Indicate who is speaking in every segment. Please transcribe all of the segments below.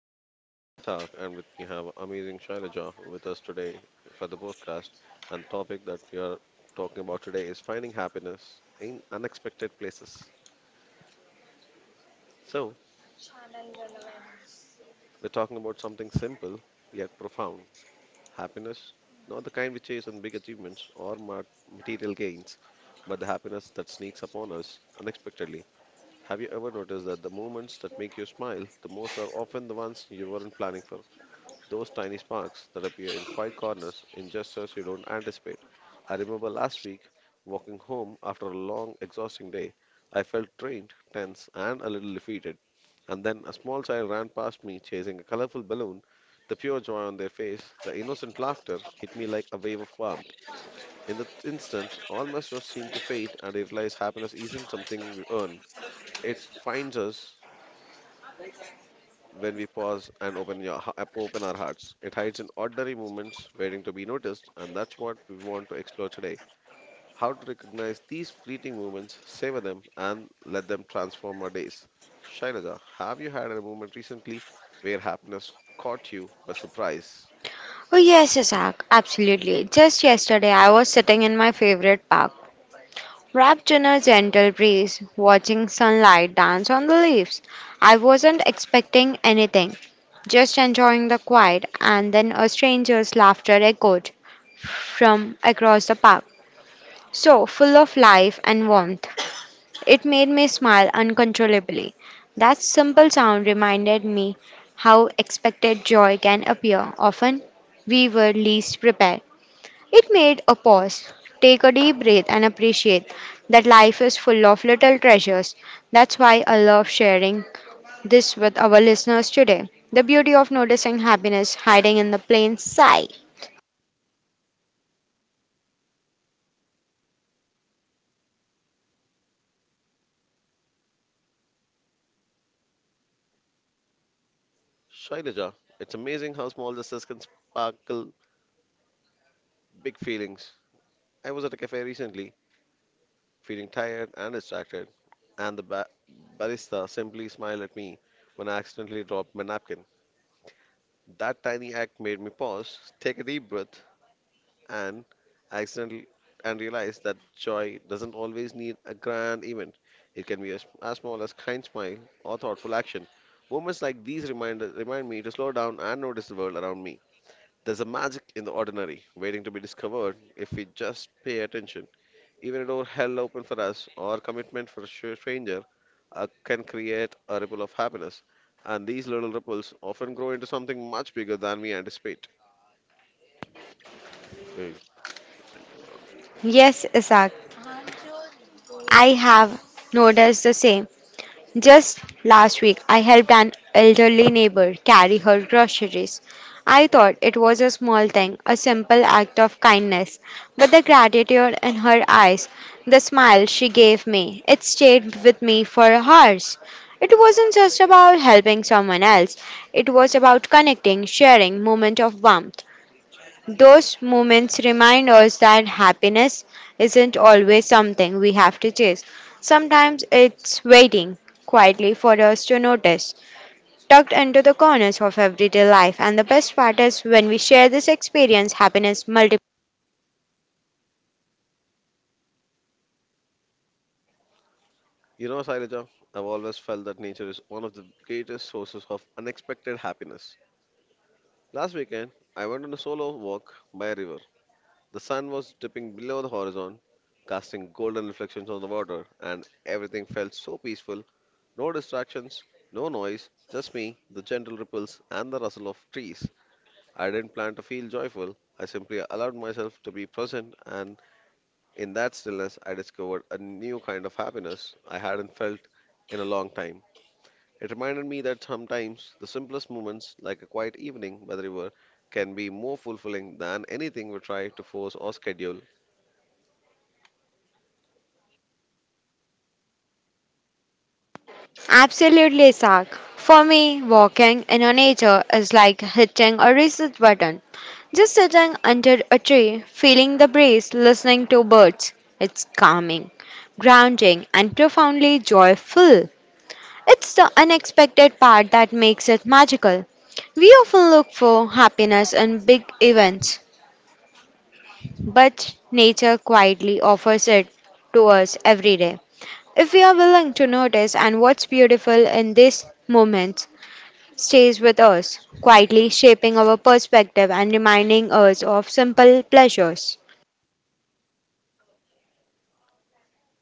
Speaker 1: is me, Ishaq, and with me have amazing Shailaja with us today for the podcast. And the topic that we are talking about today is finding happiness in unexpected places. So, we're talking about something simple yet profound happiness, not the kind we chase in big achievements or material gains, but the happiness that sneaks upon us unexpectedly. Have you ever noticed that the moments that make you smile the most are often the ones you weren't planning for? Those tiny sparks that appear in quiet corners in gestures you don't anticipate. I remember last week, walking home after a long, exhausting day. I felt drained, tense, and a little defeated. And then a small child ran past me chasing a colorful balloon. The pure joy on their face, the innocent laughter hit me like a wave of warmth. In that instant, all my stress seemed to fade, and I realized happiness isn't something we earn. It finds us when we pause and open our hearts. It hides in ordinary moments waiting to be noticed, and that's what we want to explore today. How to recognize these fleeting moments, savor them, and let them transform our days. Shailaja, have you had a moment recently where happiness caught you by surprise?
Speaker 2: Oh, yes, Isaac, absolutely. Just yesterday, I was sitting in my favorite park, wrapped in a gentle breeze, watching sunlight dance on the leaves. I wasn't expecting anything, just enjoying the quiet, and then a stranger's laughter echoed from across the park, so full of life and warmth. It made me smile uncontrollably. That simple sound reminded me how expected joy can appear. Often we were least prepared. It made a pause, take a deep breath, and appreciate that life is full of little treasures. That's why I love sharing this with our listeners today. The beauty of noticing happiness hiding in the plain sight.
Speaker 1: Shailaja, it's amazing how small gestures can sparkle big feelings. I was at a cafe recently feeling tired and distracted, and barista simply smiled at me when I accidentally dropped my napkin. That tiny act made me pause, take a deep breath, and accidentally and realize that joy doesn't always need a grand event. It can be as small as kind smile or thoughtful action. Moments like these remind me to slow down and notice the world around me. There's a magic in the ordinary, waiting to be discovered if we just pay attention. Even a door held open for us or commitment for a stranger can create a ripple of happiness. And these little ripples often grow into something much bigger than we anticipate. Hey,
Speaker 2: Yes, Isaac, I have noticed the same. Just last week, I helped an elderly neighbor carry her groceries. I thought it was a small thing, a simple act of kindness, but the gratitude in her eyes, the smile she gave me, it stayed with me for hours. It wasn't just about helping someone else, it was about connecting, sharing moment of warmth. Those moments remind us that happiness isn't always something we have to chase. Sometimes it's waiting quietly for us to notice, tucked into the corners of everyday life. And the best part is when we share this experience, happiness multiplies.
Speaker 1: you know, Sailaja, I've always felt that nature is one of the greatest sources of unexpected happiness. Last weekend, I went on a solo walk by a river. The sun was dipping below the horizon, casting golden reflections on the water, and everything felt so peaceful. No distractions, no noise, just me, the gentle ripples, and the rustle of trees. I didn't plan to feel joyful. I simply allowed myself to be present, and in that stillness, I discovered a new kind of happiness I hadn't felt in a long time. It reminded me that sometimes the simplest moments, like a quiet evening by the river, can be more fulfilling than anything we try to force or schedule.
Speaker 2: Absolutely, Sak. For me, walking in a nature is like hitting a reset button. Just sitting under a tree, feeling the breeze, listening to birds. It's calming, grounding, and profoundly joyful. It's the unexpected part that makes it magical. We often look for happiness in big events, but nature quietly offers it to us every day. If we are willing to notice and what's beautiful in these moments, stays with us, quietly shaping our perspective and reminding us of simple pleasures.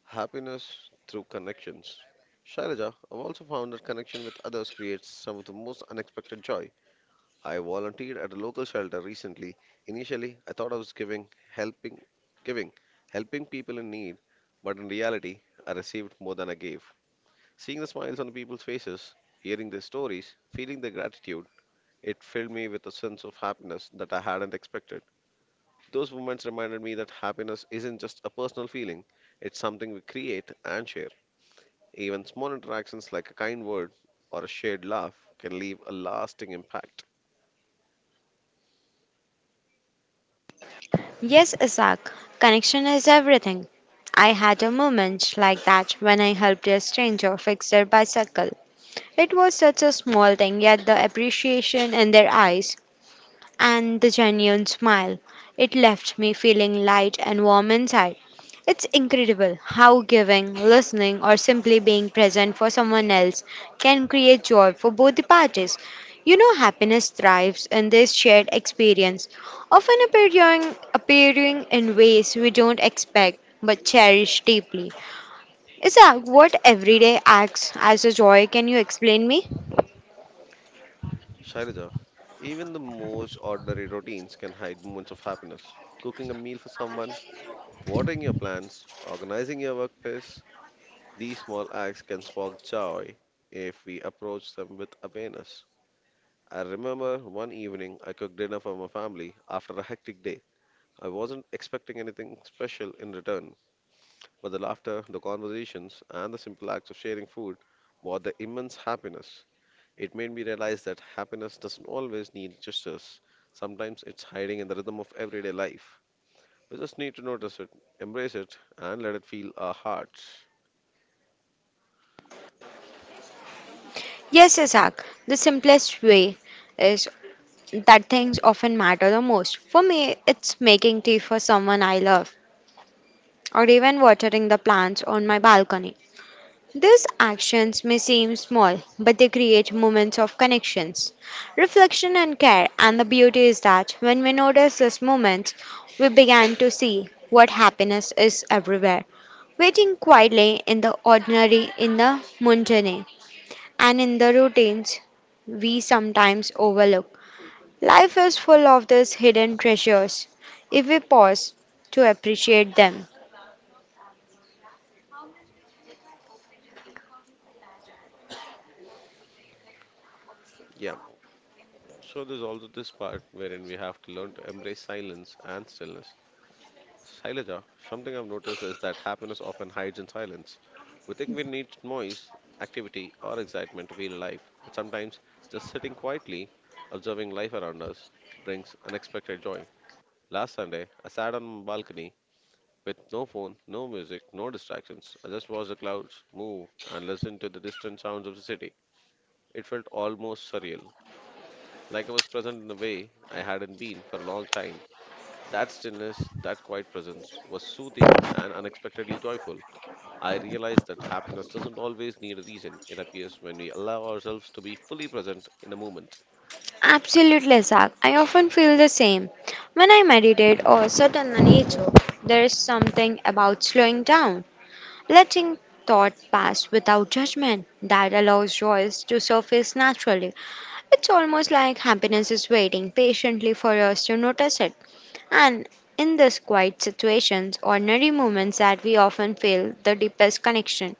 Speaker 1: Happiness through connections. Shailaja, I've also found that connection with others creates some of the most unexpected joy. I volunteered at a local shelter recently. Initially, I thought I was giving helping people in need, but in reality, I received more than I gave. Seeing the smiles on the people's faces, hearing their stories, feeling their gratitude, it filled me with a sense of happiness that I hadn't expected. Those moments reminded me that happiness isn't just a personal feeling, it's something we create and share. Even small interactions like a kind word or a shared laugh can leave a lasting impact.
Speaker 2: Yes, Isaac, connection is everything. I had a moment like that when I helped a stranger fix their bicycle. It was such a small thing, yet the appreciation in their eyes and the genuine smile. It left me feeling light and warm inside. It's incredible how giving, listening, or simply being present for someone else can create joy for both the parties. You know, happiness thrives in this shared experience, often appearing in ways we don't expect but cherish deeply. Isaac, what everyday acts as a joy can you explain me?
Speaker 1: Shailaja, even the most ordinary routines can hide moments of happiness. Cooking a meal for someone, watering your plants, organizing your workplace, these small acts can spark joy if we approach them with awareness. I remember one evening I cooked dinner for my family after a hectic day. I wasn't expecting anything special in return, but the laughter, the conversations, and the simple acts of sharing food brought the immense happiness. It made me realize that happiness doesn't always need gestures. Sometimes it's hiding in the rhythm of everyday life. We just need to notice it, embrace it, and let it feel our hearts.
Speaker 2: Yes, Isaac, the simplest way is that things often matter the most. For me, it's making tea for someone I love, or even watering the plants on my balcony. These actions may seem small, but they create moments of connections, reflection, and care. And the beauty is that when we notice these moments, we begin to see what happiness is everywhere, waiting quietly in the ordinary, in the mundane, and in the routines we sometimes overlook. Life is full of these hidden treasures if we pause to appreciate them.
Speaker 1: Yeah, so there's also this part wherein we have to learn to embrace silence and stillness. Shailaja, something I've noticed is that happiness often hides in silence. We think we need noise, activity, or excitement to feel alive, but sometimes just sitting quietly, observing life around us, brings unexpected joy. Last Sunday, I sat on my balcony with no phone, no music, no distractions. I just watched the clouds move and listened to the distant sounds of the city. It felt almost surreal, like I was present in a way I hadn't been for a long time. That stillness, that quiet presence, was soothing and unexpectedly joyful. I realized that happiness doesn't always need a reason. It appears when we allow ourselves to be fully present in the moment.
Speaker 2: Absolutely, Zach. I often feel the same. When I meditate or sit in the nature, there is something about slowing down, letting thought pass without judgment that allows joys to surface naturally. It's almost like happiness is waiting patiently for us to notice it. And in these quiet situations, ordinary moments that we often feel the deepest connection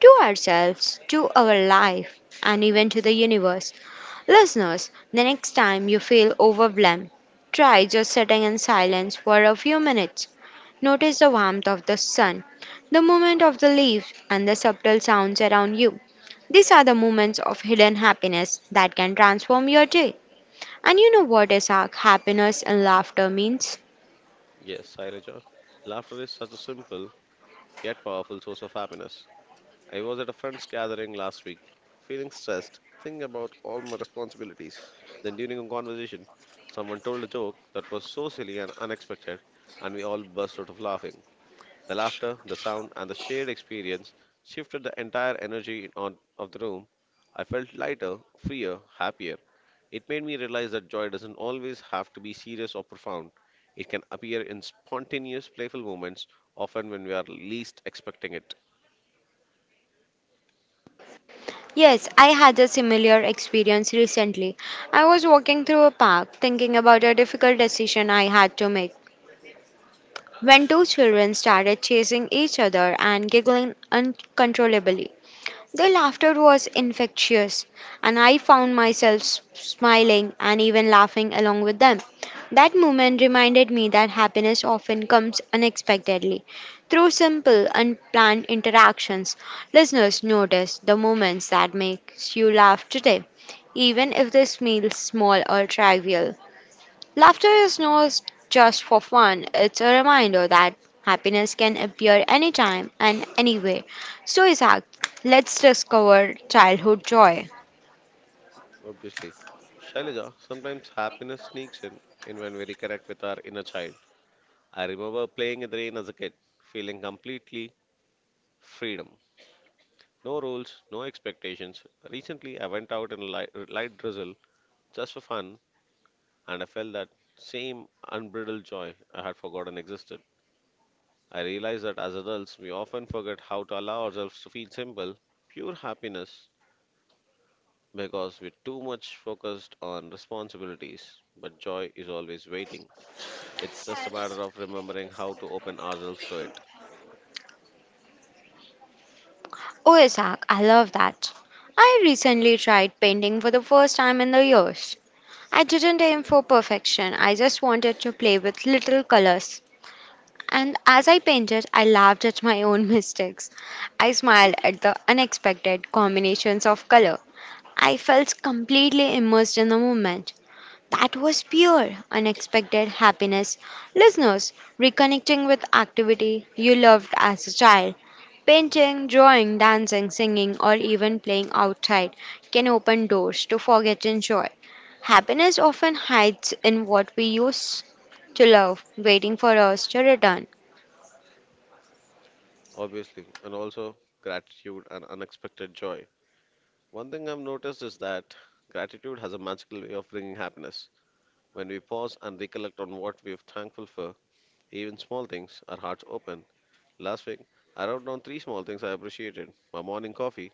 Speaker 2: to ourselves, to our life, and even to the universe. Listeners, the next time you feel overwhelmed, try just sitting in silence for a few minutes. Notice the warmth of the sun, the movement of the leaves, and the subtle sounds around you. These are the moments of hidden happiness that can transform your day. And you know what, Isaac, happiness and laughter means?
Speaker 1: Yes, Shailaja, laughter is such a simple yet powerful source of happiness. I was at a friend's gathering last week, feeling stressed, thinking about all my responsibilities. Then, during a conversation, someone told a joke that was so silly and unexpected, and we all burst out of laughing. The laughter, the sound, and the shared experience shifted the entire energy of the room. I felt lighter, freer, happier. It made me realize that joy doesn't always have to be serious or profound. It can appear in spontaneous, playful moments, often when we are least expecting it.
Speaker 2: Yes, I had a similar experience recently. I was walking through a park thinking about a difficult decision I had to make when two children started chasing each other and giggling uncontrollably. The laughter was infectious, and I found myself smiling and even laughing along with them. That moment reminded me that happiness often comes unexpectedly through simple, unplanned interactions. Listeners, notice the moments that makes you laugh today, even if they feel small or trivial. Laughter is not just for fun, it's a reminder that happiness can appear anytime and anywhere. So, Isaac, let's discover childhood joy.
Speaker 1: Obviously. Shailaja, sometimes happiness sneaks in when we reconnect with our inner child. I remember playing in the rain as a kid, feeling completely freedom. No rules, no expectations. Recently, I went out in a light drizzle just for fun, and I felt that same unbridled joy I had forgotten existed. I realized that as adults, we often forget how to allow ourselves to feel simple, pure happiness because we're too much focused on responsibilities, but joy is always waiting. It's just a matter of remembering how to open ourselves to it,
Speaker 2: Oh, Isaac, I love that. I recently tried painting for the first time in the years. I didn't aim for perfection, I just wanted to play with little colors. And as I painted, I laughed at my own mistakes. I smiled at the unexpected combinations of color. I felt completely immersed in the moment. That was pure, unexpected happiness. Listeners, reconnecting with activity you loved as a child. Painting, drawing, dancing, singing, or even playing outside can open doors to forgotten joy. Happiness often hides in what we used to love, waiting for us to return.
Speaker 1: obviously, and also gratitude and unexpected joy. One thing I've noticed is that gratitude has a magical way of bringing happiness. When we pause and recollect on what we're thankful for, even small things, our hearts open. Last week, I wrote down three small things I appreciated my morning coffee,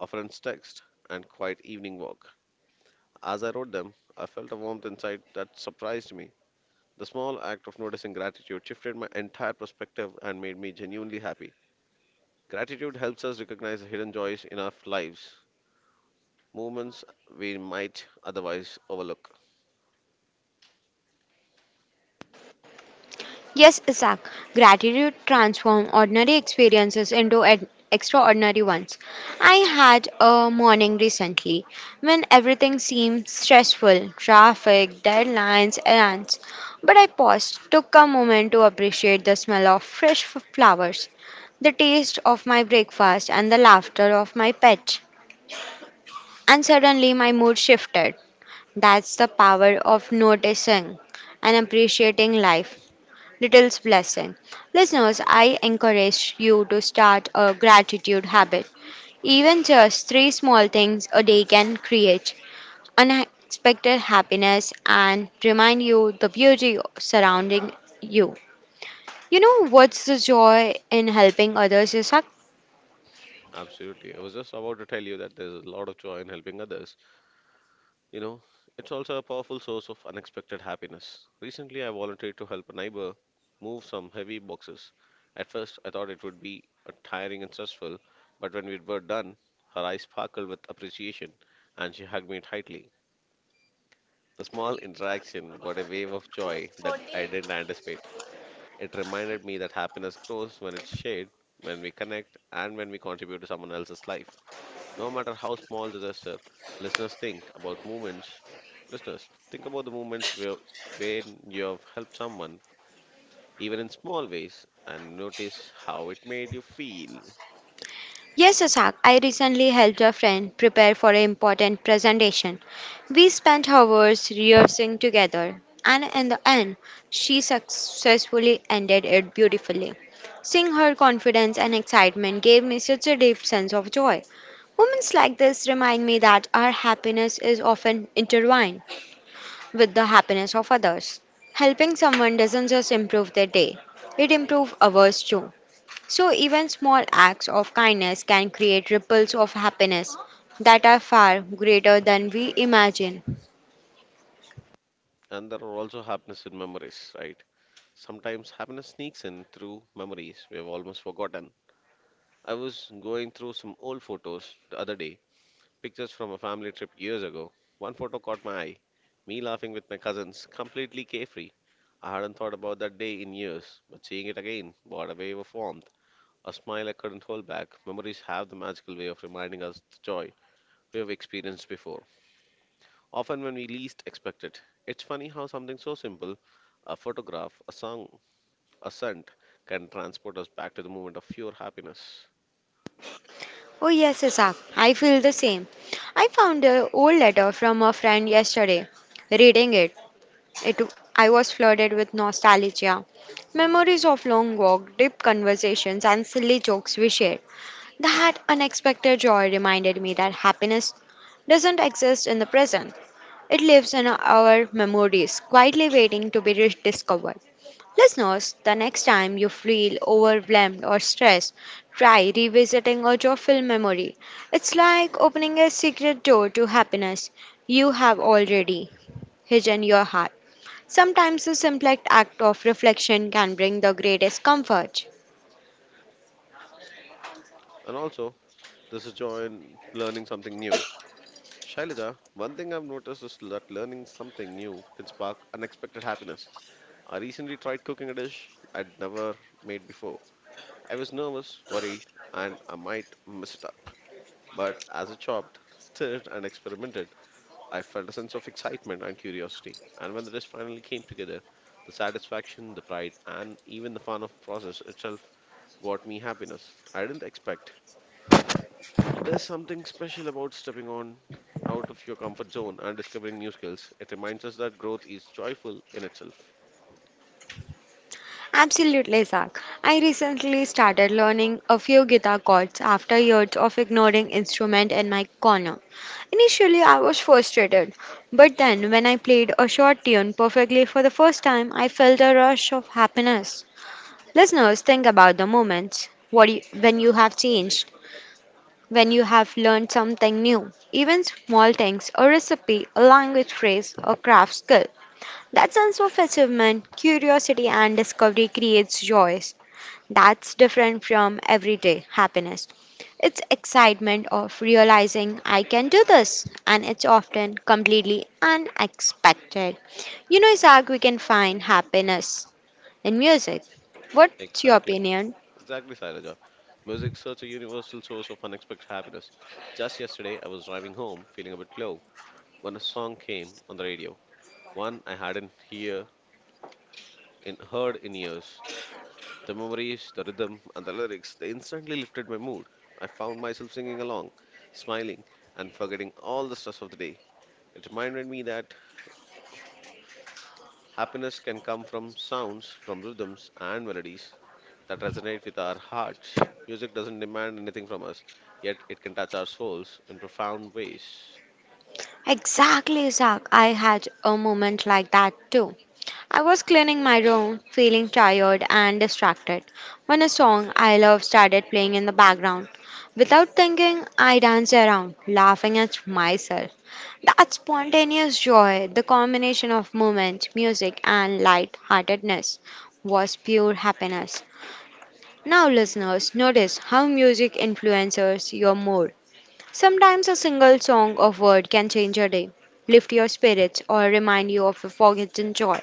Speaker 1: a friend's text, and quiet evening walk. As I wrote them, I felt a warmth inside that surprised me. The small act of noticing gratitude shifted my entire perspective and made me genuinely happy. Gratitude helps us recognize the hidden joys in our lives, moments we might otherwise overlook.
Speaker 2: Yes, Isaac, gratitude transforms ordinary experiences into an extraordinary ones. I had a morning recently when everything seemed stressful traffic, deadlines, errands. But I paused, took a moment to appreciate the smell of fresh flowers, the taste of my breakfast, and the laughter of my pet. And suddenly my mood shifted. That's the power of noticing and appreciating life. Little's blessing. Listeners, I encourage you to start a gratitude habit. Even just three small things a day can create unexpected happiness and remind you the beauty surrounding you. You know what's the joy in helping others, Isak?
Speaker 1: Absolutely. I was just about to tell you that there's a lot of joy in helping others. You know, it's also a powerful source of unexpected happiness. Recently, I volunteered to help a neighbor move some heavy boxes. At first, I thought it would be tiring and stressful, but when we were done, her eyes sparkled with appreciation and she hugged me tightly. The small interaction brought a wave of joy that I didn't anticipate. It reminded me that happiness grows when it's shared, when we connect, and when we contribute to someone else's life. No matter how small the gesture, listeners think about moments. Listeners, think about the moments where when you have helped someone, even in small ways, and notice how it made you feel.
Speaker 2: Yes, Asak, I recently helped a friend prepare for an important presentation. We spent hours rehearsing together, and in the end, she successfully ended it beautifully. Seeing her confidence and excitement gave me such a deep sense of joy. Moments like this remind me that our happiness is often intertwined with the happiness of others. Helping someone doesn't just improve their day, it improves ours too. So, even small acts of kindness can create ripples of happiness that are far greater than we imagine.
Speaker 1: And there are also happiness in memories, right? Sometimes happiness sneaks in through memories we have almost forgotten. I was going through some old photos the other day, pictures from a family trip years ago. One photo caught my eye me laughing with my cousins, completely carefree. I hadn't thought about that day in years, but seeing it again brought a wave of warmth, a smile I couldn't hold back. Memories have the magical way of reminding us the joy we have experienced before, often when we least expect it. It's funny how something so simple, a photograph, a song, a scent, can transport us back to the moment of pure happiness.
Speaker 2: Oh, yes, Isaac, I feel the same. I found an old letter from a friend yesterday. Reading it, it I was flooded with nostalgia. Memories of long walk, deep conversations, and silly jokes we shared. That unexpected joy reminded me that happiness doesn't exist in the present. It lives in our memories, quietly waiting to be rediscovered. Listeners, the next time you feel overwhelmed or stressed, try revisiting a joyful memory. It's like opening a secret door to happiness you have already hidden your heart. Sometimes the simplest act of reflection can bring the greatest comfort.
Speaker 1: And also, there's a joy in learning something new. Shailaja, one thing I've noticed is that learning something new can spark unexpected happiness. I recently tried cooking a dish I'd never made before. I was nervous, worried, and I might mess it up. But as I chopped, stirred, and experimented, I felt a sense of excitement and curiosity. And when the dish finally came together, the satisfaction, the pride, and even the fun of process itself brought me happiness I didn't expect. There's something special about stepping on out of your comfort zone and discovering new skills. It reminds us that growth is joyful in itself.
Speaker 2: Absolutely, Zach. I recently started learning a few guitar chords after years of ignoring instrument in my corner. Initially, I was frustrated, but then when I played a short tune perfectly for the first time, I felt a rush of happiness. Listeners, think about the moments when you have changed, when you have learned something new. Even small things, a recipe, a language phrase, a craft skill that sense of achievement, curiosity, and discovery creates joys. That's different from everyday happiness. It's excitement of realizing I can do this, and it's often completely unexpected. You know, Isaac, we can find happiness in music. What's your
Speaker 1: Exactly.
Speaker 2: opinion?
Speaker 1: Exactly, Sailaja. Music's such a universal source of unexpected happiness. Just yesterday, I was driving home feeling a bit low when a song came on the radio. One I hadn't hear in, heard in years. The memories, the rhythm, and the lyrics, they instantly lifted my mood. I found myself singing along, smiling, and forgetting all the stress of the day. It reminded me that happiness can come from sounds, from rhythms and melodies that resonate with our hearts. Music doesn't demand anything from us, yet it can touch our souls in profound ways.
Speaker 2: Exactly, Isaac. I had a moment like that too. I was cleaning my room, feeling tired and distracted, when a song I love started playing in the background. Without thinking, I danced around, laughing at myself. That spontaneous joy, the combination of movement, music, and light-heartedness, was pure happiness. Now, listeners, notice how music influences your mood. Sometimes a single song or word can change your day, lift your spirits, or remind you of a forgotten joy.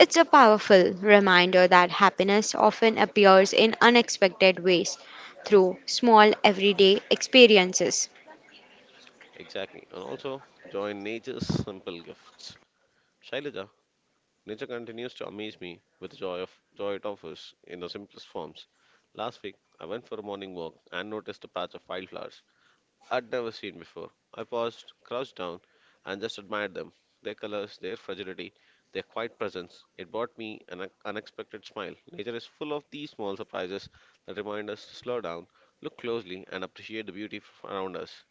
Speaker 2: It's a powerful reminder that happiness often appears in unexpected ways through small everyday experiences.
Speaker 1: Exactly. And also, joy in nature's simple gifts. Shailaja, nature continues to amaze me with the joy it offers in the simplest forms. Last week, I went for a morning walk and noticed a patch of wildflowers I'd never seen before. I paused, crouched down, and just admired them, their colors, their fragility, their quiet presence. It brought me an unexpected smile. Nature is full of these small surprises that remind us to slow down, look closely, and appreciate the beauty around us.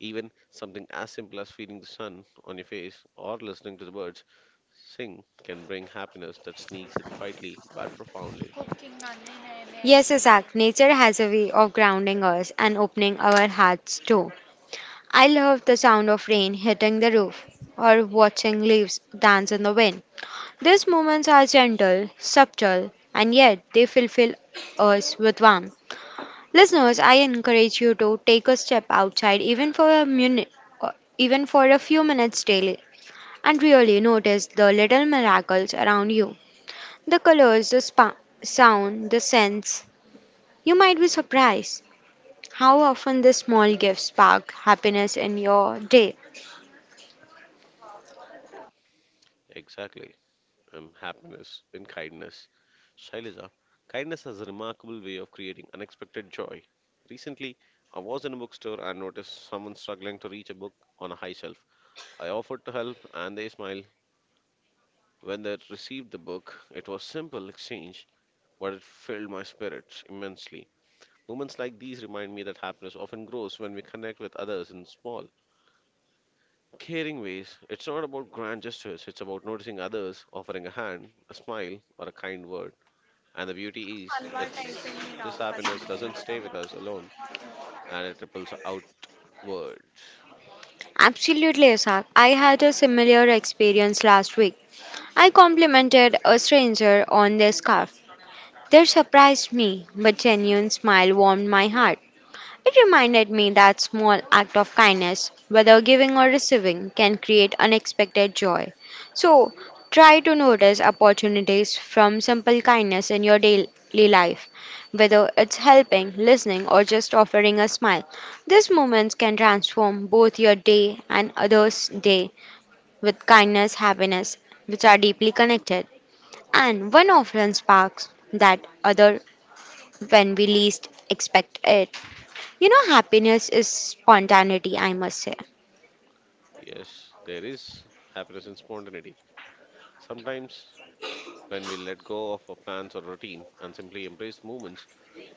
Speaker 1: Even something as simple as feeling the sun on your face or listening to the birds sing can bring happiness that sneaks in quietly but profoundly.
Speaker 2: Yes, Isaac, nature has a way of grounding us and opening our hearts too. I love the sound of rain hitting the roof or watching leaves dance in the wind. These moments are gentle, subtle, and yet they fulfill us with warmth. Listeners, I encourage you to take a step outside even for a few minutes daily and really notice the little miracles around you the colors, the sound, the scents. You might be surprised how often the small gifts spark happiness in your day.
Speaker 1: Exactly. And happiness in kindness. Shailaja, kindness has a remarkable way of creating unexpected joy. Recently, I was in a bookstore and noticed someone struggling to reach a book on a high shelf. I offered to help and they smiled. When they received the book, it was simple exchange, but it filled my spirit immensely. Moments like these remind me that happiness often grows when we connect with others in small, caring ways. It's not about grand gestures, it's about noticing others, offering a hand, a smile, or a kind word. And the beauty is, it's this happiness doesn't stay with us alone, and it ripples outward.
Speaker 2: Absolutely, Asak. I had a similar experience last week. I complimented a stranger on their scarf. They surprised me, but genuine smile warmed my heart. It reminded me that small act of kindness, whether giving or receiving, can create unexpected joy. So, try to notice opportunities from simple kindness in your daily life, whether it's helping, listening, or just offering a smile. These moments can transform both your day and others' day with kindness, happiness, which are deeply connected. And one often sparks that other when we least expect it. You know, happiness is spontaneity, I must say.
Speaker 1: Yes, there is happiness in spontaneity. Sometimes, when we let go of our plans or routine and simply embrace moments,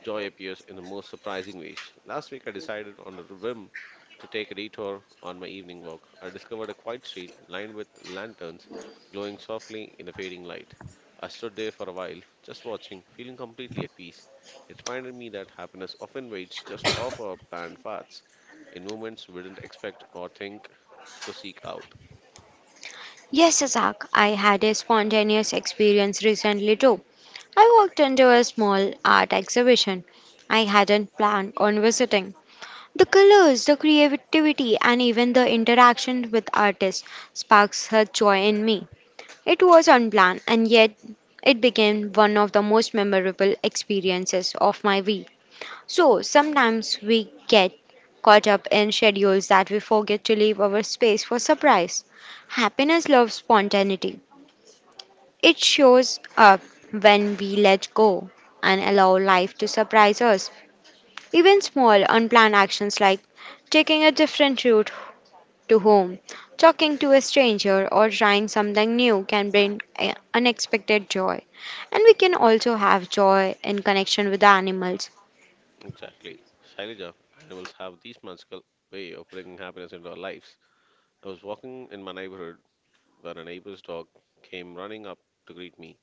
Speaker 1: joy appears in the most surprising ways. Last week, I decided on a whim to take a detour on my evening walk. I discovered a quiet street lined with lanterns glowing softly in the fading light. I stood there for a while, just watching, feeling completely at peace. It reminded me that happiness often waits just off our planned paths, in moments we didn't expect or think to seek out.
Speaker 2: Yes, Azak, I had a spontaneous experience recently too. I walked into a small art exhibition I hadn't planned on visiting. The colors, the creativity, and even the interaction with artists sparks her joy in me. It was unplanned, and yet it became one of the most memorable experiences of my week. So sometimes we get caught up in schedules that we forget to leave our space for surprise. Happiness loves spontaneity. It shows up when we let go and allow life to surprise us. Even small, unplanned actions like taking a different route to home, talking to a stranger, or trying something new can bring unexpected joy. And we can also have joy in connection with the animals.
Speaker 1: Exactly. Shailaja, animals have this magical way of bringing happiness into our lives. I was walking in my neighborhood when a neighbor's dog came running up to greet me,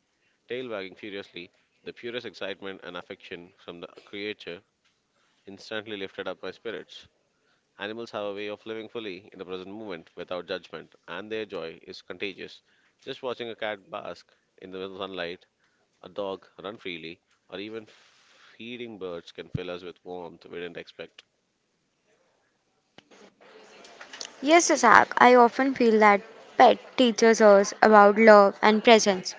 Speaker 1: tail wagging furiously. The purest excitement and affection from the creature instantly lifted up my spirits. Animals have a way of living fully in the present moment without judgment, and their joy is contagious. Just watching a cat bask in the sunlight, a dog run freely, or even feeding birds can fill us with warmth we didn't expect.
Speaker 2: Yes, Isaac, I often feel that pet teaches us about love and presence.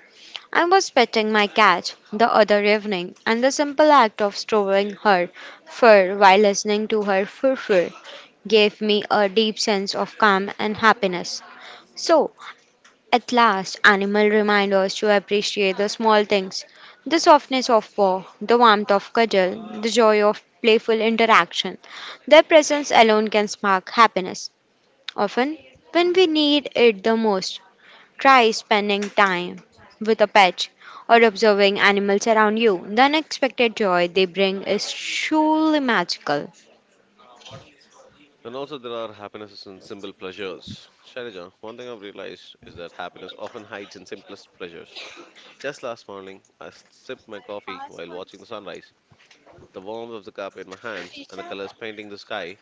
Speaker 2: I was petting my cat the other evening, and the simple act of stroking her fur while listening to her fur gave me a deep sense of calm and happiness. So, at last, animal remind us to appreciate the small things, the softness of paw, the warmth of cuddle, the joy of playful interaction. Their presence alone can spark happiness. Often, when we need it the most, try spending time with a pet or observing animals around you. The unexpected joy they bring is truly magical.
Speaker 1: And also, there are happinesses and simple pleasures. Shailaja, one thing I've realized is that happiness often hides in simplest pleasures. Just last morning, I sipped my coffee while watching the sunrise. The warmth of the cup in my hands and the colors painting the sky,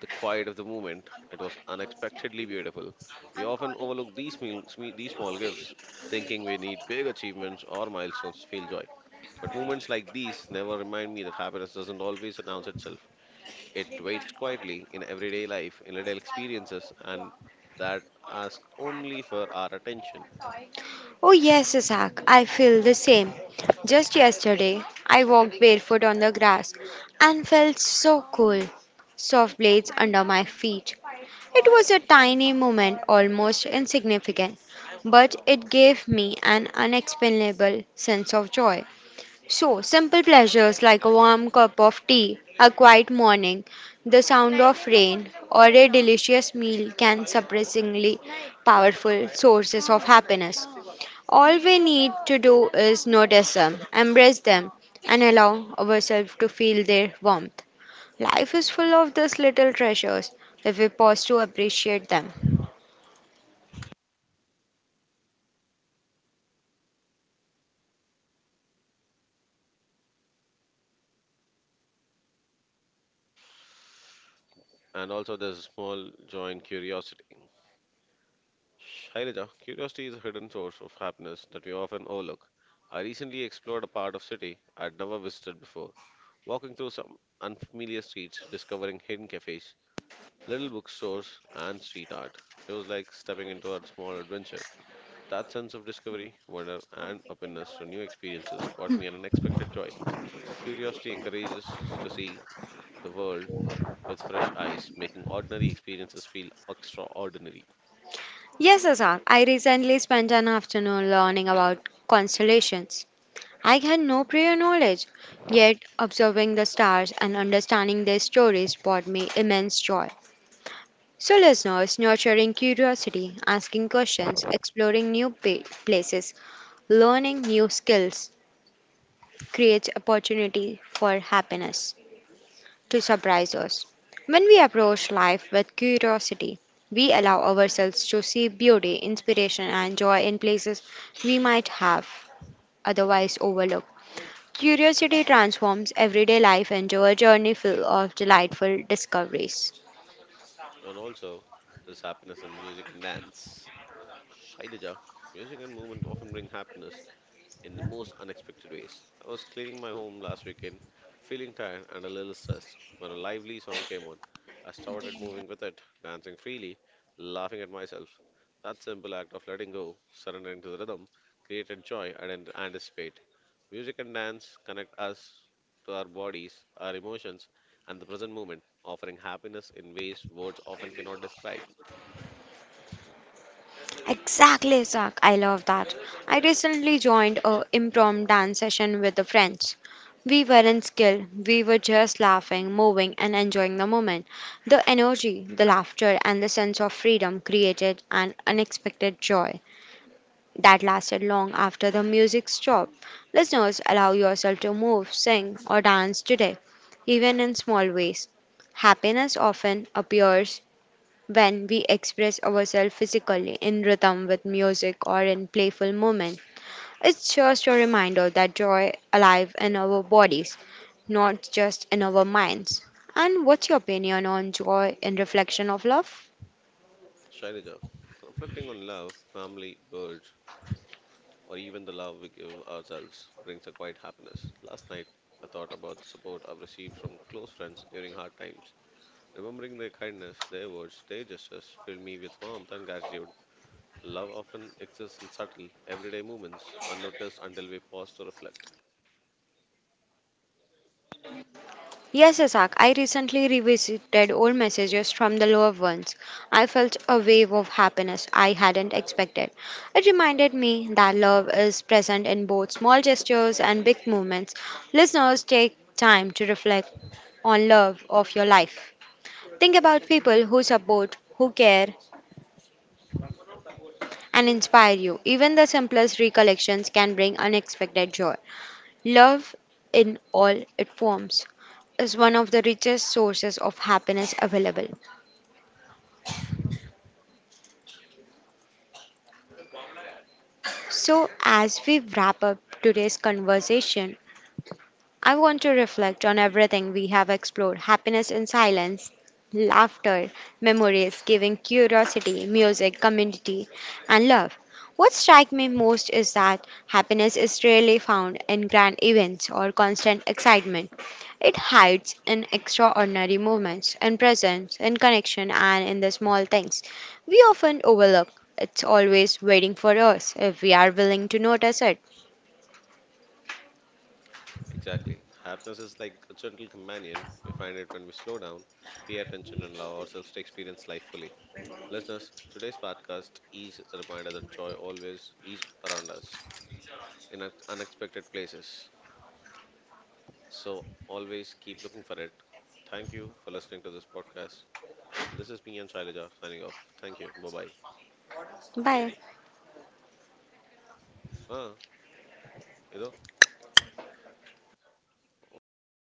Speaker 1: the quiet of the moment, it was unexpectedly beautiful. We often overlook these, these small gifts, thinking we need big achievements or milestones to feel joy. But moments like these never remind me that happiness doesn't always announce itself. It waits quietly in everyday life, in little experiences, and that ask only for our attention.
Speaker 2: Oh, yes, Isaac, I feel the same. Just yesterday, I walked barefoot on the grass and felt so cool, soft blades under my feet. It was a tiny moment, almost insignificant, but it gave me an unexplainable sense of joy. So, simple pleasures like a warm cup of tea, a quiet morning, the sound of rain, or a delicious meal can surprisingly powerful sources of happiness. All we need to do is notice them, embrace them, and allow ourselves to feel their warmth. Life is full of these little treasures if we pause to appreciate them.
Speaker 1: And also, there's a small joy in curiosity. Shailaja, curiosity is a hidden source of happiness that we often overlook. I recently explored a part of city I'd never visited before, walking through some unfamiliar streets, discovering hidden cafes, little bookstores, and street art. It was like stepping into a small adventure. That sense of discovery, wonder, and openness to new experiences brought me an unexpected joy. Curiosity encourages us to see the world with fresh eyes, making ordinary experiences feel extraordinary.
Speaker 2: Yes, Azar, I recently spent an afternoon learning about constellations. I had no prior knowledge, yet observing the stars and understanding their stories brought me immense joy. So, listeners, nurturing curiosity, asking questions, exploring new places, learning new skills creates opportunity for happiness to surprise us. When we approach life with curiosity, we allow ourselves to see beauty, inspiration, and joy in places we might have otherwise overlooked. Curiosity transforms everyday life into a journey full of delightful discoveries.
Speaker 1: And also, there's happiness in music and dance. Shailaja, music and movement often bring happiness in the most unexpected ways. I was cleaning my home last weekend, feeling tired and a little stressed, when a lively song came on. I started moving with it, dancing freely, laughing at myself. That simple act of letting go, surrendering to the rhythm, created joy I didn't anticipate. Music and dance connect us to our bodies, our emotions, and the present moment, offering happiness in ways words often cannot describe.
Speaker 2: Exactly, Zach. I love that. I recently joined a impromptu dance session with the friends. We weren't skilled. We were just laughing, moving, and enjoying the moment. The energy, the laughter, and the sense of freedom created an unexpected joy that lasted long after the music stopped. Listeners, allow yourself to move, sing, or dance today, even in small ways. Happiness often appears when we express ourselves physically in rhythm with music or in playful moments. It's just a reminder that joy alive in our bodies, not just in our minds. And what's your opinion on joy in reflection of love?
Speaker 1: Shailaja, reflecting on love, family, birds, or even the love we give ourselves brings a quiet happiness. Last night, I thought about the support I've received from close friends during hard times. Remembering their kindness, their words, their gestures filled me with warmth and gratitude. Love often exists in subtle, everyday moments, unnoticed until we pause to reflect.
Speaker 2: Yes, Isaac, I recently revisited old messages from the loved ones. I felt a wave of happiness I hadn't expected. It reminded me that love is present in both small gestures and big movements. Listeners, take time to reflect on love of your life. Think about people who support, who care, and inspire you. Even the simplest recollections can bring unexpected joy. Love, in all its forms, is one of the richest sources of happiness available. So, as we wrap up today's conversation, I want to reflect on everything we have explored happiness in silence, laughter, memories, giving, curiosity, music, community, and love. What strikes me most is that happiness is rarely found in grand events or constant excitement. It hides in extraordinary moments, in presence, in connection, and in the small things we often overlook. It's always waiting for us if we are willing to notice it.
Speaker 1: Exactly. Happiness is like a gentle companion. We find it when we slow down, pay attention, and allow ourselves to experience life fully. Listeners, today's podcast is a reminder that joy always is around us in unexpected places. So always keep looking for it. Thank you for listening to this podcast. This is me and Shailaja signing off. Thank you. Bye bye.
Speaker 2: Bye.
Speaker 1: Ah, you know, oh,